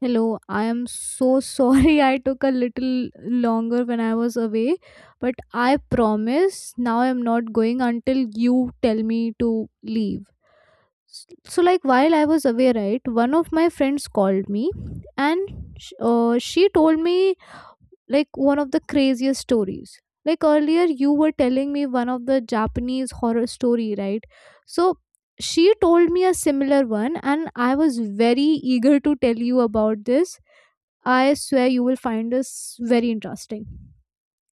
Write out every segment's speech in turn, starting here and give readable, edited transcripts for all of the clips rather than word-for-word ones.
Hello, I am so sorry I took a little longer when I was away, but I promise now I am not going until you tell me to leave. S- So, while I was away, right, one of my friends called me and she told me like one of the craziest stories. Like, earlier you were telling me one of the Japanese horror story, right? So, she told me a similar one, and I was very eager to tell you about this. I swear you will find this very interesting.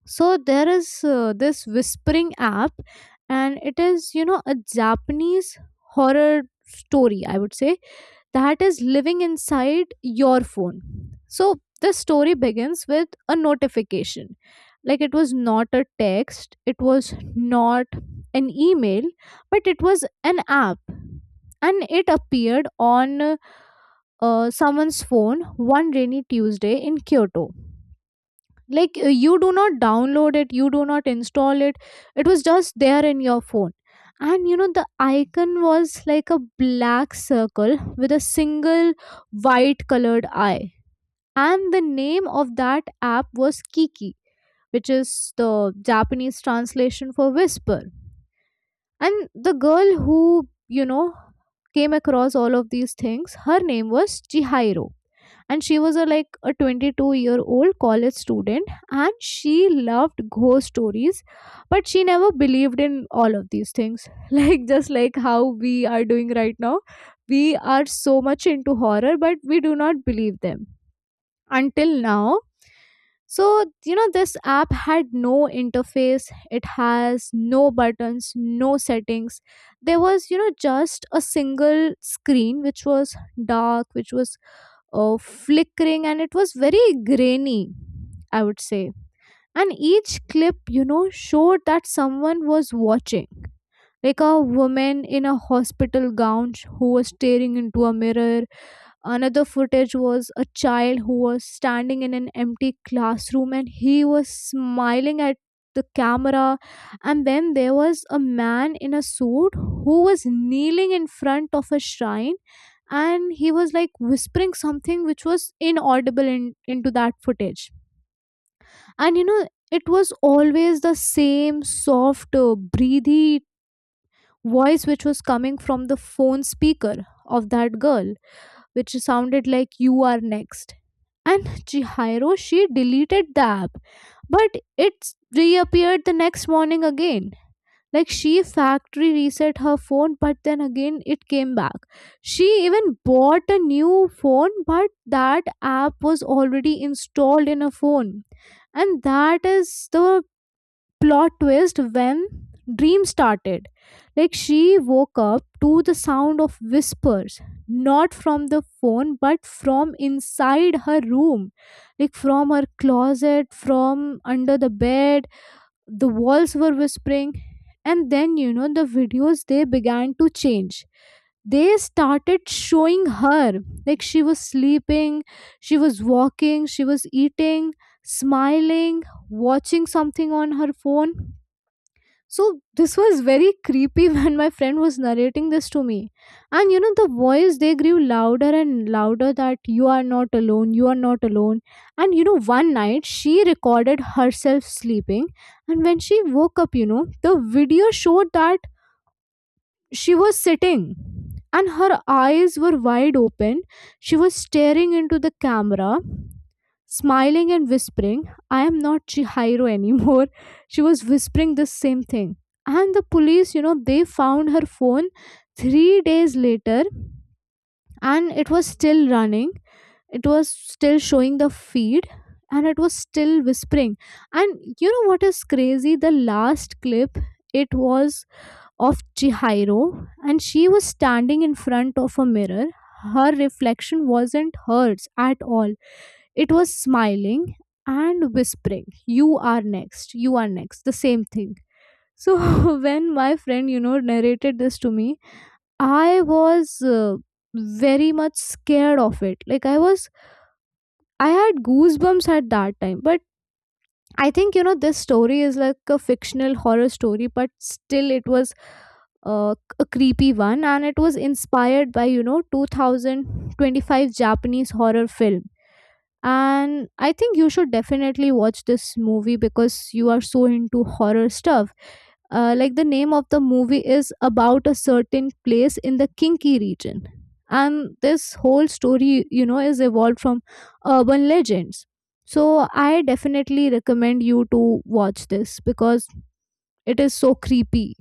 So there is this whispering app, and it is, you know, a Japanese horror story, I would say, that is living inside your phone. So the story begins with a notification. Like, it was not a text, it was not an email, but it was an app and it appeared on someone's phone one rainy Tuesday in Kyoto. Like, you do not download it, you do not install it, it was just there in your phone. And you know, the icon was like a black circle with a single white colored eye, and the name of that app was kiki, which is the Japanese translation for whisper. And the girl who, you know, came across all of these things, her name was Chihiro, and she was a like a 22-year-old college student, and she loved ghost stories, but she never believed in all of these things, like just like how we are doing right now. We are so much into horror but we do not believe them until now. So, you know, this app had no interface, it has no buttons, no settings. There was, you know, just a single screen which was dark, which was flickering, and it was very grainy, I would say. And each clip, you know, showed that someone was watching. Like a woman in a hospital gown who was staring into a mirror. Another footage was a child who was standing in an empty classroom and he was smiling at the camera. And then there was a man in a suit who was kneeling in front of a shrine and he was like whispering something which was inaudible into that footage. And you know, it was always the same soft breathy voice which was coming from the phone speaker of that girl, which sounded like, you are next. And Chihiro, she deleted the app, but it reappeared the next morning again. Like, she factory reset her phone, but then again it came back. She even bought a new phone, but that app was already installed in her phone. And that is the plot twist, when dream started. Like, she woke up to the sound of whispers, not from the phone but from inside her room, like from her closet, from under the bed. The walls were whispering. And then, you know, the videos, they began to change. They started showing her, like she was sleeping, she was walking, she was eating, smiling, watching something on her phone. So this was very creepy when my friend was narrating this to me. And you know, the voice, they grew louder and louder, that you are not alone, you are not alone. And you know, one night she recorded herself sleeping, and when she woke up, you know, the video showed that she was sitting and her eyes were wide open. She was staring into the camera, smiling and whispering, I am not Chihiro anymore. She was whispering the same thing. And the police, you know, they found her phone 3 days later, and it was still running. It was still showing the feed, and it was still whispering. And you know what is crazy? The last clip, it was of Chihiro, and she was standing in front of a mirror. Her reflection wasn't hers at all, it was smiling and whispering, you are next, you are next, the same thing. So, when my friend, you know, narrated this to me, I was very much scared of it. I had goosebumps at that time, but I think, you know, this story is like a fictional horror story, but still it was a creepy one, and it was inspired by, you know, 2025 Japanese horror film. And I think you should definitely watch this movie because you are so into horror stuff. Like the name of the movie is about a certain place in the Kinki region. And this whole story, you know, is evolved from urban legends. So I definitely recommend you to watch this because it is so creepy.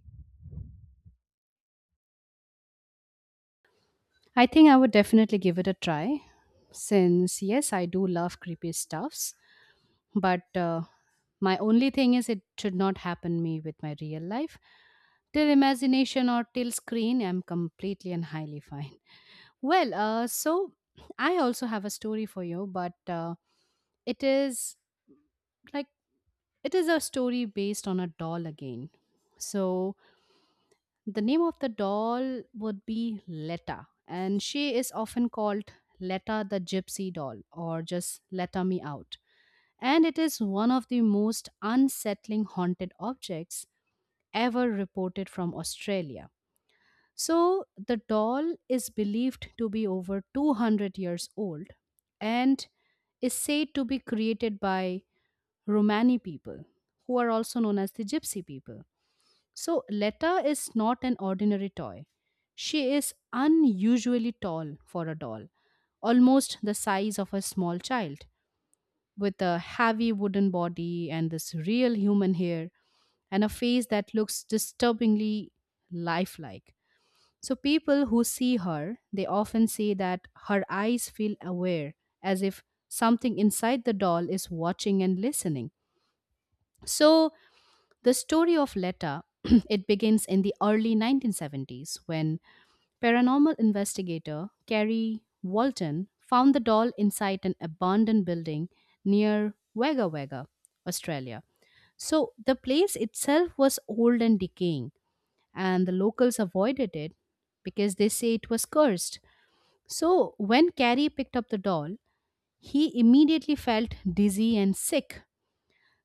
I think I would definitely give it a try since, yes, I do love creepy stuffs, but my only thing is it should not happen me with my real life. Till imagination or till screen, I'm completely and highly fine. Well, I also have a story for you, but it is like it is a story based on a doll again. So the name of the doll would be Letta, and she is often called Letta the Gypsy Doll or just Letta Me Out. And it is one of the most unsettling haunted objects ever reported from Australia. So, the doll is believed to be over 200 years old and is said to be created by Romani people, who are also known as the Gypsy people. So Letta is not an ordinary toy. She is unusually tall for a doll, almost the size of a small child, with a heavy wooden body and this real human hair and a face that looks disturbingly lifelike. So people who see her, they often say that her eyes feel aware, as if something inside the doll is watching and listening. So the story of Letta it begins in the early 1970s when paranormal investigator Carrie Walton found the doll inside an abandoned building near Wagga Wagga, Australia. So the place itself was old and decaying, and the locals avoided it because they say it was cursed. So when Carrie picked up the doll, he immediately felt dizzy and sick,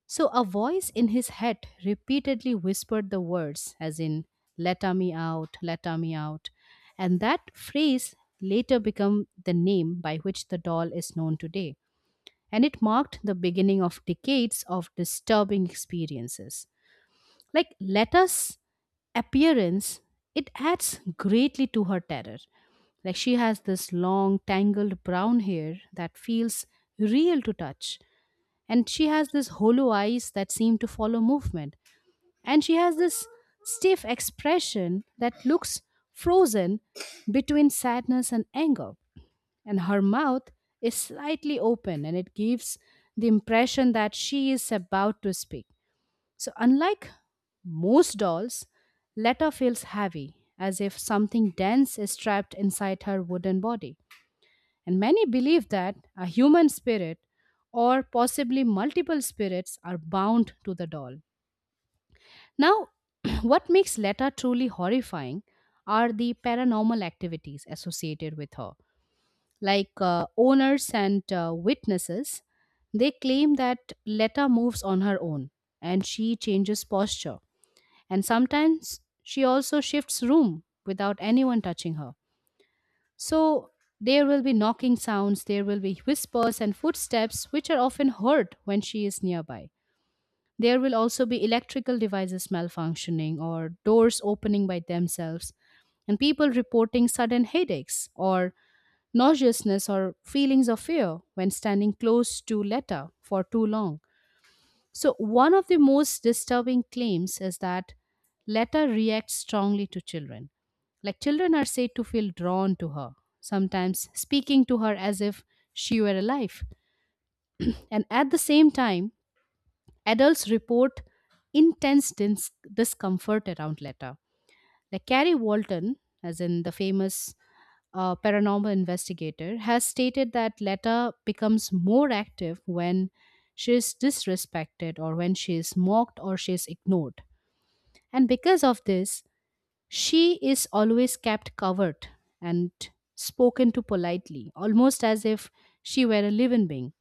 so a voice in his head repeatedly whispered the words, as in, "Letta me out, letta me out." And that phrase later became the name by which the doll is known today. And it marked the beginning of decades of disturbing experiences. Like Letta's appearance, it adds greatly to her terror. Like she has this long, tangled brown hair that feels real to touch, and she has this hollow eyes that seem to follow movement, and she has this stiff expression that looks frozen between sadness and anger, and her mouth is slightly open and it gives the impression that she is about to speak. So unlike most dolls, letta feels heavy as if something dense is trapped inside her wooden body, and many believe that a human spirit or possibly multiple spirits are bound to the doll. Now, what makes Letta truly horrifying are the paranormal activities associated with her. Like owners and witnesses, they claim that Letta moves on her own and she changes posture. And sometimes she also shifts room without anyone touching her. So there will be knocking sounds, there will be whispers and footsteps, which are often heard when she is nearby. There will also be electrical devices malfunctioning or doors opening by themselves, and people reporting sudden headaches or nauseousness or feelings of fear when standing close to Letta for too long. So, one of the most disturbing claims is that Letta reacts strongly to children. Like, children are said to feel drawn to her, sometimes speaking to her as if she were alive. And at the same time, adults report intense discomfort around Letta, like Carrie Walton, as in the famous paranormal investigator, has stated that Letta becomes more active when she is disrespected or when she is mocked or she is ignored. And because of this, she is always kept covered and spoken to politely, almost as if she were a living being.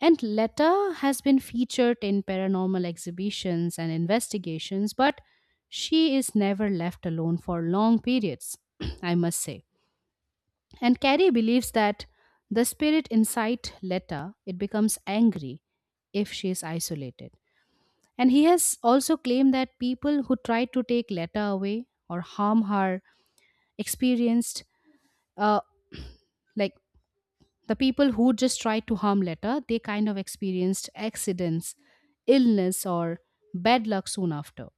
And Letta has been featured in paranormal exhibitions and investigations, but she is never left alone for long periods, I must say. And Carrie believes that the spirit inside Letta, it becomes angry if she is isolated. And he has also claimed that people who tried to take Letta away or harm her experienced uh, like the people who just tried to harm Letta, they kind of experienced accidents, illness, or bad luck soon after.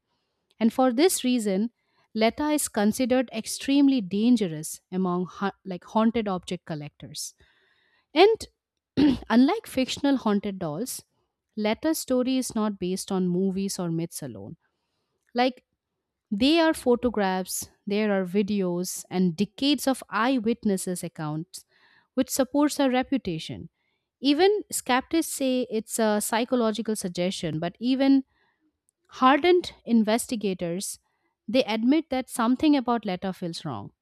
And for this reason, Letta is considered extremely dangerous among like haunted object collectors. And unlike fictional haunted dolls, Letta's story is not based on movies or myths alone. Like there are photographs, there are videos, and decades of eyewitnesses' accounts, which supports her reputation. Even skeptics say it's a psychological suggestion, but even hardened investigators, they admit that something about Letta feels wrong.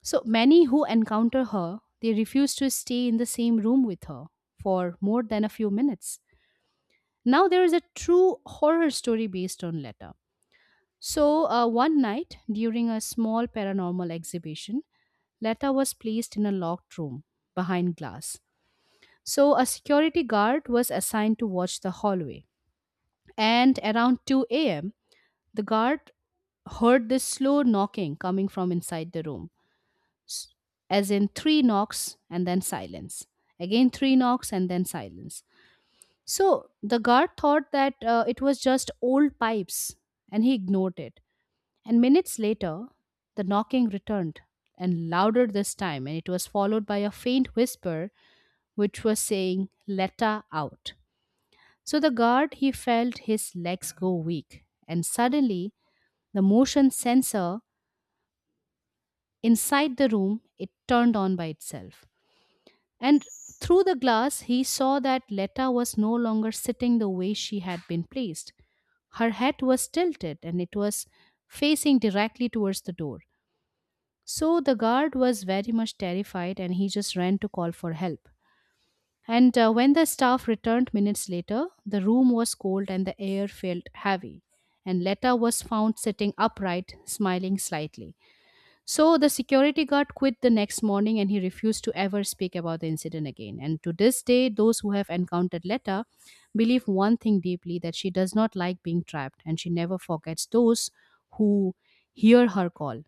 So many who encounter her, they refuse to stay in the same room with her for more than a few minutes. Now there is a true horror story based on Letta. So, one night during a small paranormal exhibition, Letta was placed in a locked room behind glass. So, a security guard was assigned to watch the hallway. And around 2 a.m., the guard heard this slow knocking coming from inside the room, s- as in three knocks and then silence. Again, three knocks and then silence. So, the guard thought that it was just old pipes and he ignored it. And minutes later, the knocking returned, and louder this time, and it was followed by a faint whisper which was saying, Letta out. So the guard, he felt his legs go weak, and suddenly the motion sensor inside the room, it turned on by itself. And through the glass, he saw that Letta was no longer sitting the way she had been placed. Her head was tilted and it was facing directly towards the door. So the guard was very much terrified and he just ran to call for help. And when the staff returned minutes later, the room was cold and the air felt heavy. And Letta was found sitting upright, smiling slightly. So the security guard quit the next morning and he refused to ever speak about the incident again. And to this day, those who have encountered Letta believe one thing deeply, that she does not like being trapped and she never forgets those who hear her call.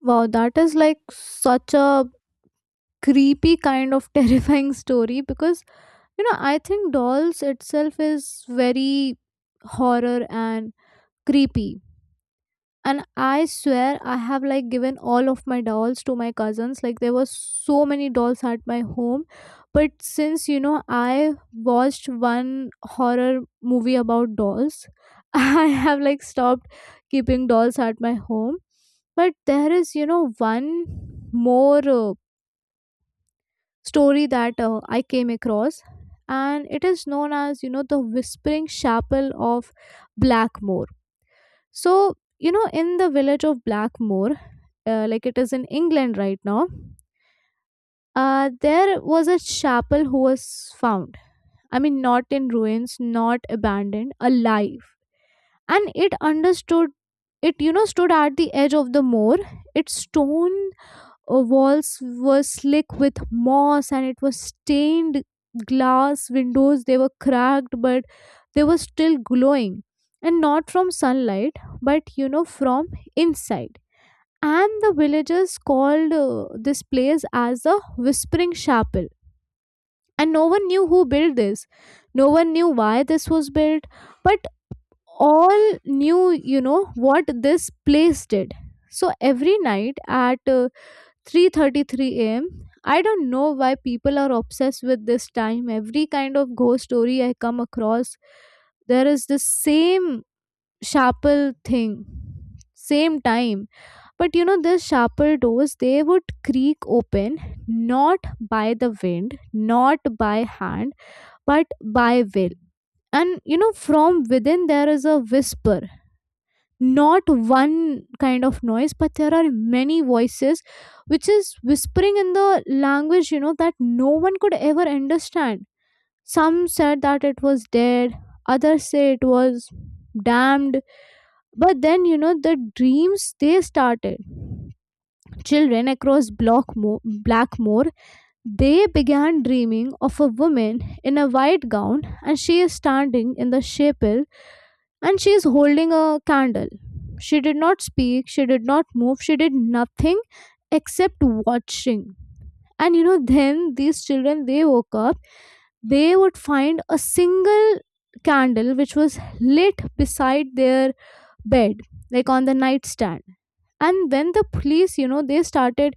Wow, that is like such a creepy kind of terrifying story, because you know, I think dolls itself is very horror and creepy. And I swear I have like given all of my dolls to my cousins. Like, there were so many dolls at my home, but since, you know, I watched one horror movie about dolls, I have like stopped keeping dolls at my home. But there is, you know, one more story that I came across, and it is known as, you know, the whispering chapel of Blackmore. So, you know, in the village of Blackmore, like it is in England right now, there was a chapel who was found. I mean, not in ruins, not abandoned, alive. And it understood, it, you know, stood at the edge of the moor. Its stone walls were slick with moss, and it was stained glass windows. They were cracked, but they were still glowing. And not from sunlight, but, you know, from inside. And the villagers called this place as the whispering chapel. And no one knew who built this, no one knew why this was built, but all knew, you know, what this place did. So every night at 3:33 a.m.— I don't know why people are obsessed with this time. Every kind of ghost story I come across, there is the same chapel thing, same time. But you know, these sharper doors, they would creak open, not by the wind, not by hand, but by will. And you know, from within there is a whisper, not one kind of noise, but there are many voices which is whispering in the language, you know, that no one could ever understand. Some said that it was dead, others say it was damned. But then, you know, the dreams, they started. Children across Blackmore, they began dreaming of a woman in a white gown, and she is standing in the chapel and she is holding a candle. She did not speak, she did not move, she did nothing except watching. And you know, then these children they woke up, they would find a single candle which was lit beside their bed, like on the nightstand. And when the police, you know, they started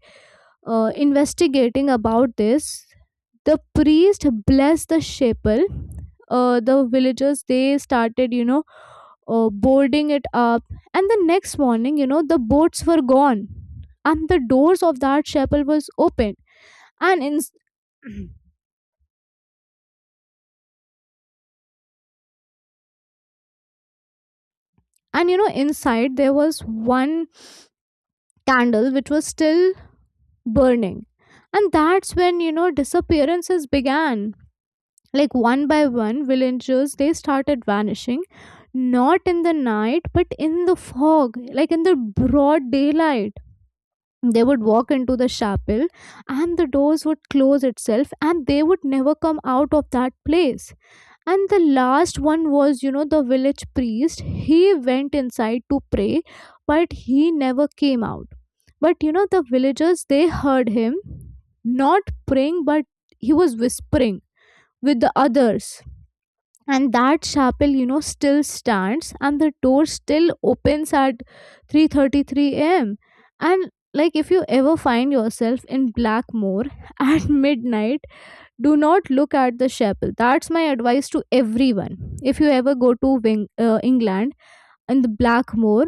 investigating about this, the priest blessed the chapel, the villagers, they started, you know, boarding it up. And the next morning, you know, the boats were gone and the doors of that chapel was open. And in and you know, inside there was one candle which was still burning. And that's when, you know, disappearances began. Like, one by one, villagers they started vanishing, not in the night but in the fog, like in the broad daylight. They would walk into the chapel and the doors would close itself, and they would never come out of that place. And the last one was, you know, the village priest. He went inside to pray, but he never came out. But you know, the villagers they heard him, not praying but he was whispering with the others. And that chapel, you know, still stands and the door still opens at 3:33 a.m. And like, if you ever find yourself in Blackmore at midnight, do not look at the chapel. That's my advice to everyone. If you ever go to Wing, England, in the Blackmore,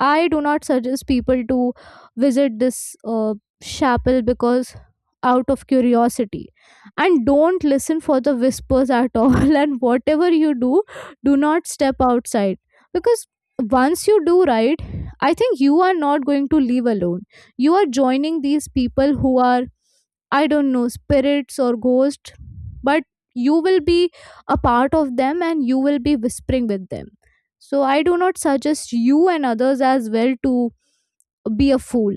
I do not suggest people to visit this chapel because out of curiosity. And don't listen for the whispers at all, and whatever you do, do not step outside. Because once you do, right, I think you are not going to leave alone. You are joining these people who are, I don't know, spirits or ghosts, but you will be a part of them and you will be whispering with them. So I do not suggest you and others as well to be a fool.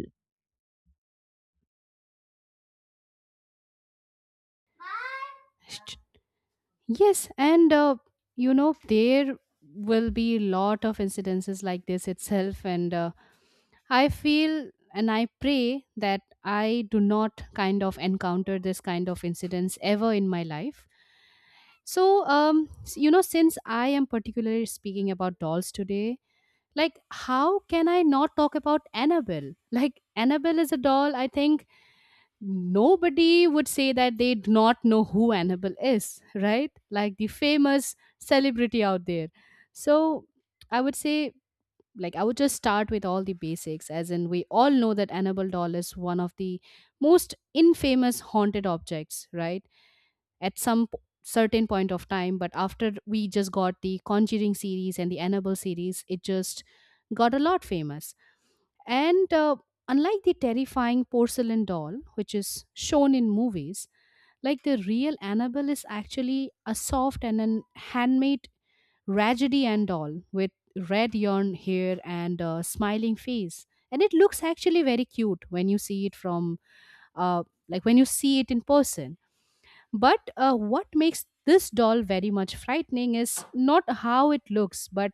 Yes, and you know there will be lot of incidences like this itself, and I feel and I pray that I do not kind of encounter this kind of incidents ever in my life. So, you know, since I am particularly speaking about dolls today, like how can I not talk about Annabelle? Like Annabelle is a doll. I think nobody would say that they do not know who Annabelle is, right? Like the famous celebrity out there. So I would say, like, I would just start with all the basics, as in, we all know that Annabelle doll is one of the most infamous haunted objects, right? At certain point of time, but after we just got the Conjuring series and the Annabelle series, it just got a lot famous. And unlike the terrifying porcelain doll, which is shown in movies, like the real Annabelle is actually a soft and an handmade ragedian doll with red yarn hair and a smiling face. And it looks actually very cute when you see it from, like when you see it in person. But what makes this doll very much frightening is not how it looks, but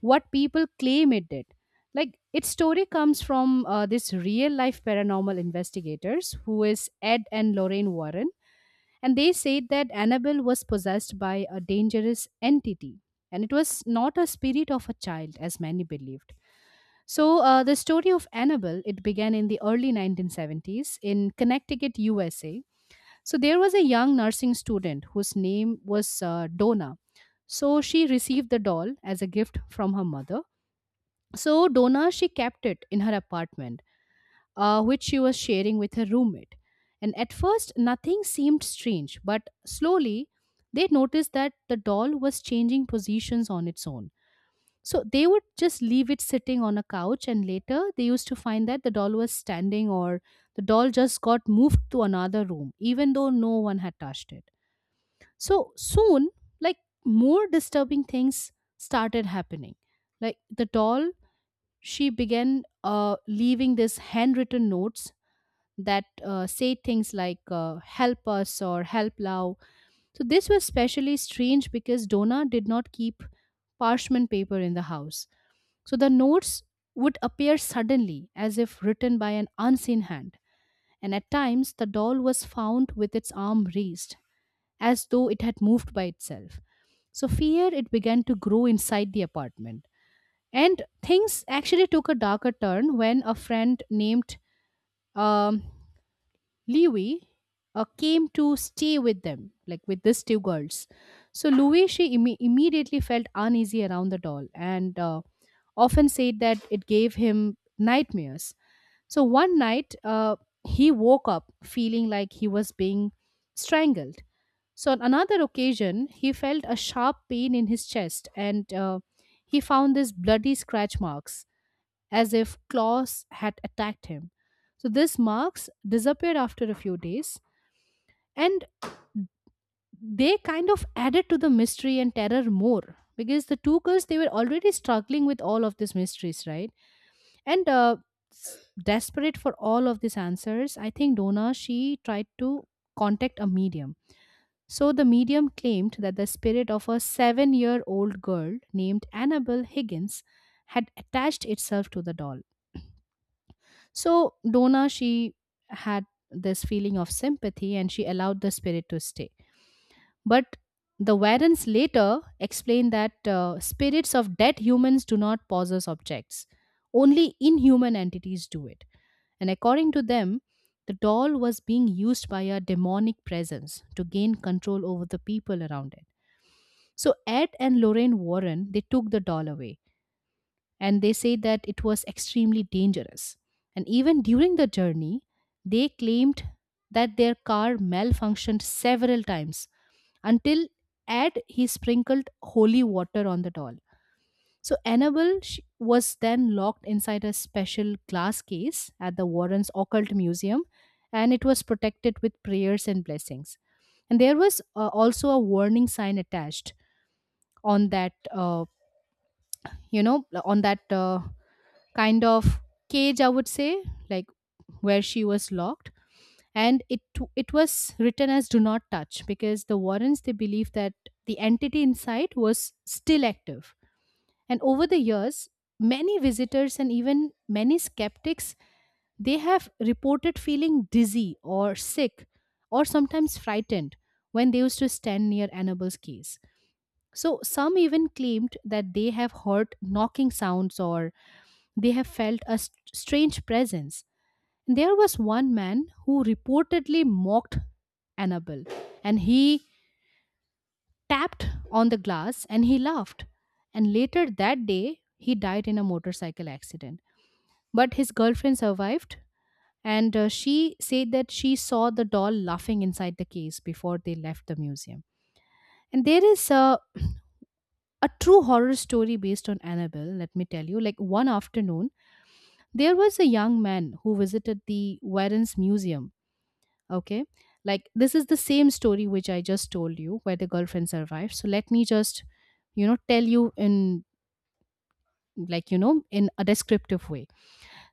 what people claim it did. Like, its story comes from this real life paranormal investigators who is Ed and Lorraine Warren. And they said that Annabelle was possessed by a dangerous entity. And it was not a spirit of a child, as many believed. So, the story of Annabelle, it began in the early 1970s in Connecticut, USA, so there was a young nursing student whose name was Donna. So she received the doll as a gift from her mother. So Donna, she kept it in her apartment, which she was sharing with her roommate. And at first, nothing seemed strange, but slowly they noticed that the doll was changing positions on its own. So they would just leave it sitting on a couch, and later they used to find that the doll was standing or the doll just got moved to another room, even though no one had touched it. So soon, like more disturbing things started happening. Like the doll, she began leaving these handwritten notes that say things like help us or help now. So this was especially strange because Donna did not keep parchment paper in the house. So the notes would appear suddenly as if written by an unseen hand. And at times, the doll was found with its arm raised as though it had moved by itself. So fear it began to grow inside the apartment. And things actually took a darker turn when a friend named um, Lewy came to stay with them, like with these two girls. So Louis, she immediately felt uneasy around the doll and often said that it gave him nightmares. So one night, he woke up feeling like he was being strangled. So on another occasion, he felt a sharp pain in his chest, and he found these bloody scratch marks, as if claws had attacked him. So these marks disappeared after a few days and they kind of added to the mystery and terror more, because the two girls, they were already struggling with all of these mysteries, right? And desperate for all of these answers, I think Donna, she tried to contact a medium. So the medium claimed that the spirit of a 7 year old girl named Annabel Higgins had attached itself to the doll. So Donna, she had this feeling of sympathy and she allowed the spirit to stay. But the Warrens later explained that spirits of dead humans do not possess objects, only inhuman entities do it. And according to them, the doll was being used by a demonic presence to gain control over the people around it. So Ed and Lorraine Warren, they took the doll away and they say that it was extremely dangerous. And even during the journey, they claimed that their car malfunctioned several times until Ed, he sprinkled holy water on the doll. So Annabelle, she was then locked inside a special glass case at the Warrens Occult Museum, and it was protected with prayers and blessings. And there was also a warning sign attached on that kind of cage, I would say, like, where she was locked. And it was written as "Do not touch", because the Warrens, they believe that the entity inside was still active. And over the years, many visitors and even many skeptics, they have reported feeling dizzy or sick or sometimes frightened when they used to stand near Annabelle's case. So some even claimed that they have heard knocking sounds, or they have felt a strange presence. And there was one man who reportedly mocked Annabel, and he tapped on the glass and he laughed. And later that day, he died in a motorcycle accident. But his girlfriend survived, and she said that she saw the doll laughing inside the case before they left the museum. And there is a true horror story based on Annabelle, let me tell you. Like, one afternoon, there was a young man who visited the Warren's Museum. Okay. Like, this is the same story which I just told you, where the girlfriend survived. So let me just, you know, tell you in, like, you know, in a descriptive way.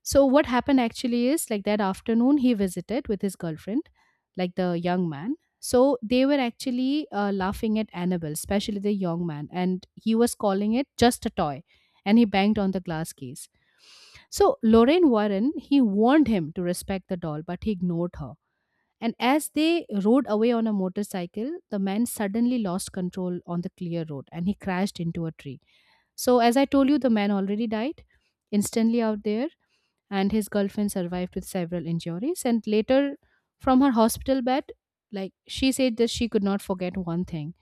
So what happened actually is, like, that afternoon he visited with his girlfriend, like the young man. So they were actually laughing at Annabelle, especially the young man, and he was calling it just a toy, and he banged on the glass case. So Lorraine Warren, he warned him to respect the doll, but he ignored her. And as they rode away on a motorcycle, the man suddenly lost control on the clear road and he crashed into a tree. So, as I told you, the man already died instantly out there, and his girlfriend survived with several injuries, and later, from her hospital bed, like, she said that she could not forget one thing,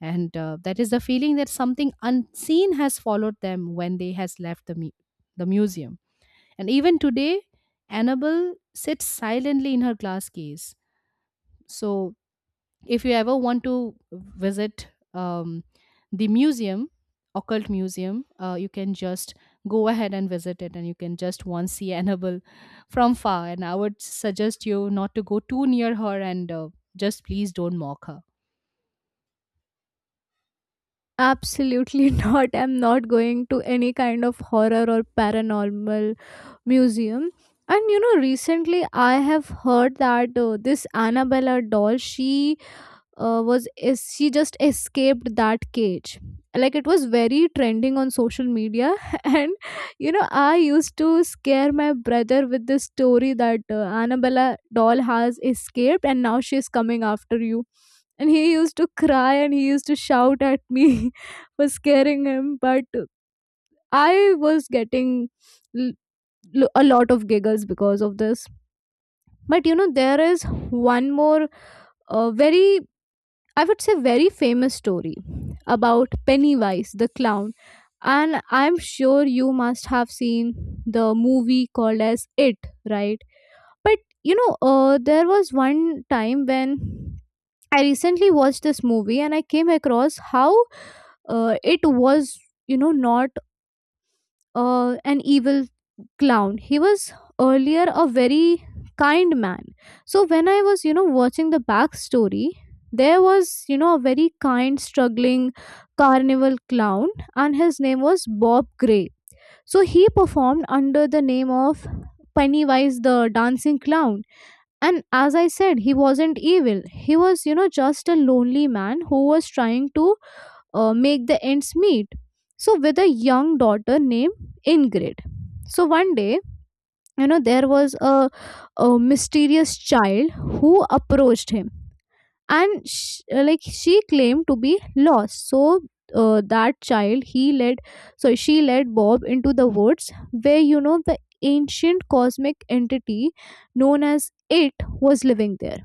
and that is the feeling that something unseen has followed them when they has left the museum. And even today, Annabelle sits silently in her glass case. So if you ever want to visit, um, the museum, occult museum, you can just go ahead and visit it, and you can just once see Annabelle from far, and I would suggest you not to go too near her. And just please don't mock her. Absolutely not. I'm not going to any kind of horror or paranormal museum. And you know, recently I have heard that this Annabella doll, she was is she just escaped that cage? Like it was very trending on social media and you know, I used to scare my brother with this story that Annabella doll has escaped and now she's coming after you, and he used to cry and he used to shout at me for scaring him. But I was getting l- a lot of giggles because of this. But you know, there is one more very I would say very famous story about Pennywise the clown. And I'm sure you must have seen the movie called as It, right? But you know, there was one time when I recently watched this movie and I came across how it was, not an evil clown. He was earlier a very kind man. So when I was, watching the backstory, there was, a very kind, struggling carnival clown, and his name was Bob Gray. So he performed under the name of Pennywise the dancing clown. And as I said, he wasn't evil. He was, just a lonely man who was trying to make the ends meet. So, with a young daughter named Ingrid. So, one day, there was a mysterious child who approached him, and like she claimed to be lost. So that child he led so she led Bob into the woods, where you know the ancient cosmic entity known as It was living there,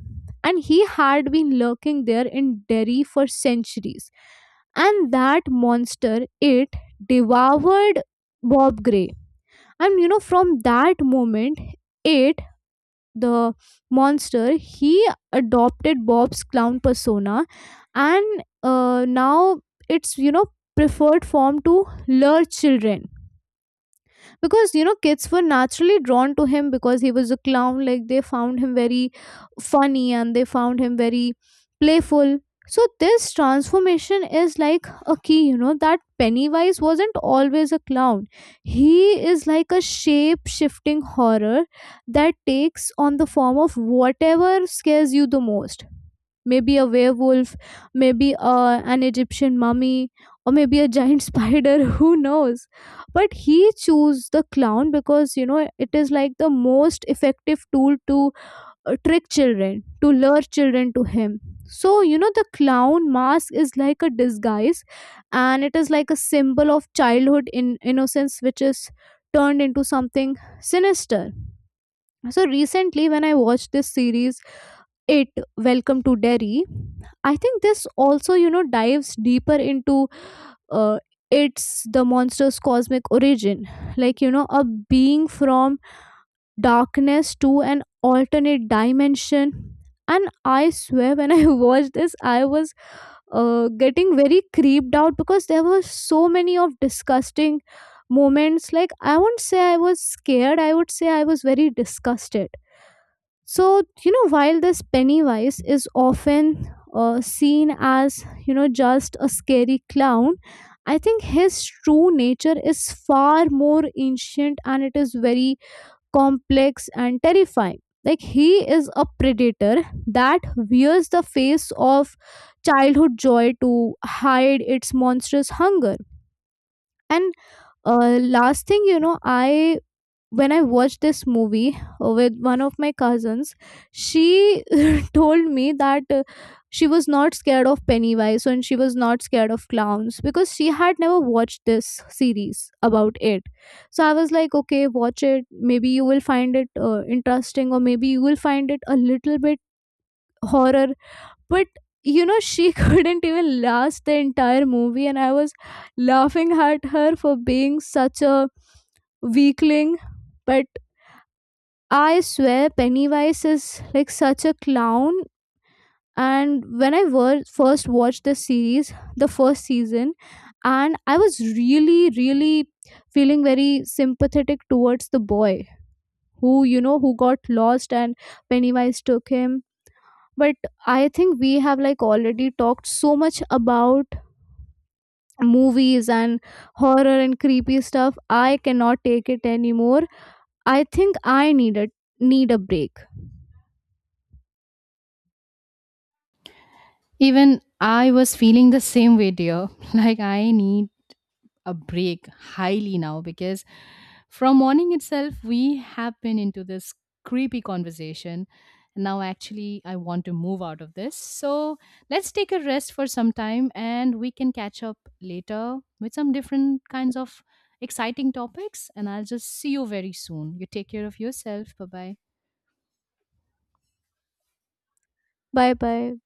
and he had been lurking there in Derry for centuries. And that monster It devoured Bob Gray. And you know, from that moment, the monster, he adopted Bob's clown persona, and now it's you know preferred form to lure children. Because you know, kids were naturally drawn to him because he was a clown. Like, they found him very funny and they found him very playful. So this transformation is like a key, you know, that Pennywise wasn't always a clown. He is like a shape shifting horror that takes on the form of whatever scares you the most. Maybe a werewolf, maybe an Egyptian mummy, or maybe a giant spider, who knows. But he chose the clown because you know it is like the most effective tool to trick children, to lure children to him. So you know the clown mask is like a disguise, and it is like a symbol of childhood in innocence which is turned into something sinister. So recently when I watched this series, It Welcome to Derry, I think this also you know dives deeper into uh, it's the monster's cosmic origin. Like, you know, a being from darkness to an alternate dimension. And I swear when I watched this, I was getting very creeped out because there were so many of disgusting moments. Like, I won't say I was scared, I would say I was very disgusted. So, you know, while this Pennywise is often seen as, just a scary clown, I think his true nature is far more ancient and it is very complex and terrifying. Like, he is a predator that wears the face of childhood joy to hide its monstrous hunger. And last thing, you know, I when I watched this movie with one of my cousins, she told me that she was not scared of Pennywise and she was not scared of clowns because she had never watched this series about It. So I was like, okay, watch it. Maybe you will find it interesting, or maybe you will find it a little bit horror. But you know, she couldn't even last the entire movie, and I was laughing at her for being such a weakling. But I swear Pennywise is like such a clown. And when I first watched the series, the first season, and I was really, really feeling very sympathetic towards the boy who, you know, who got lost and Pennywise took him. But I think we have like already talked so much about movies and horror and creepy stuff. I cannot take it anymore. I think I need a break. Even I was feeling the same way, dear. Like, I need a break highly now, because from morning itself we have been into this creepy conversation. Now actually I want to move out of this, so let's take a rest for some time, and we can catch up later with some different kinds of exciting topics. And I'll just see you very soon. You take care of yourself. Bye bye. Bye bye.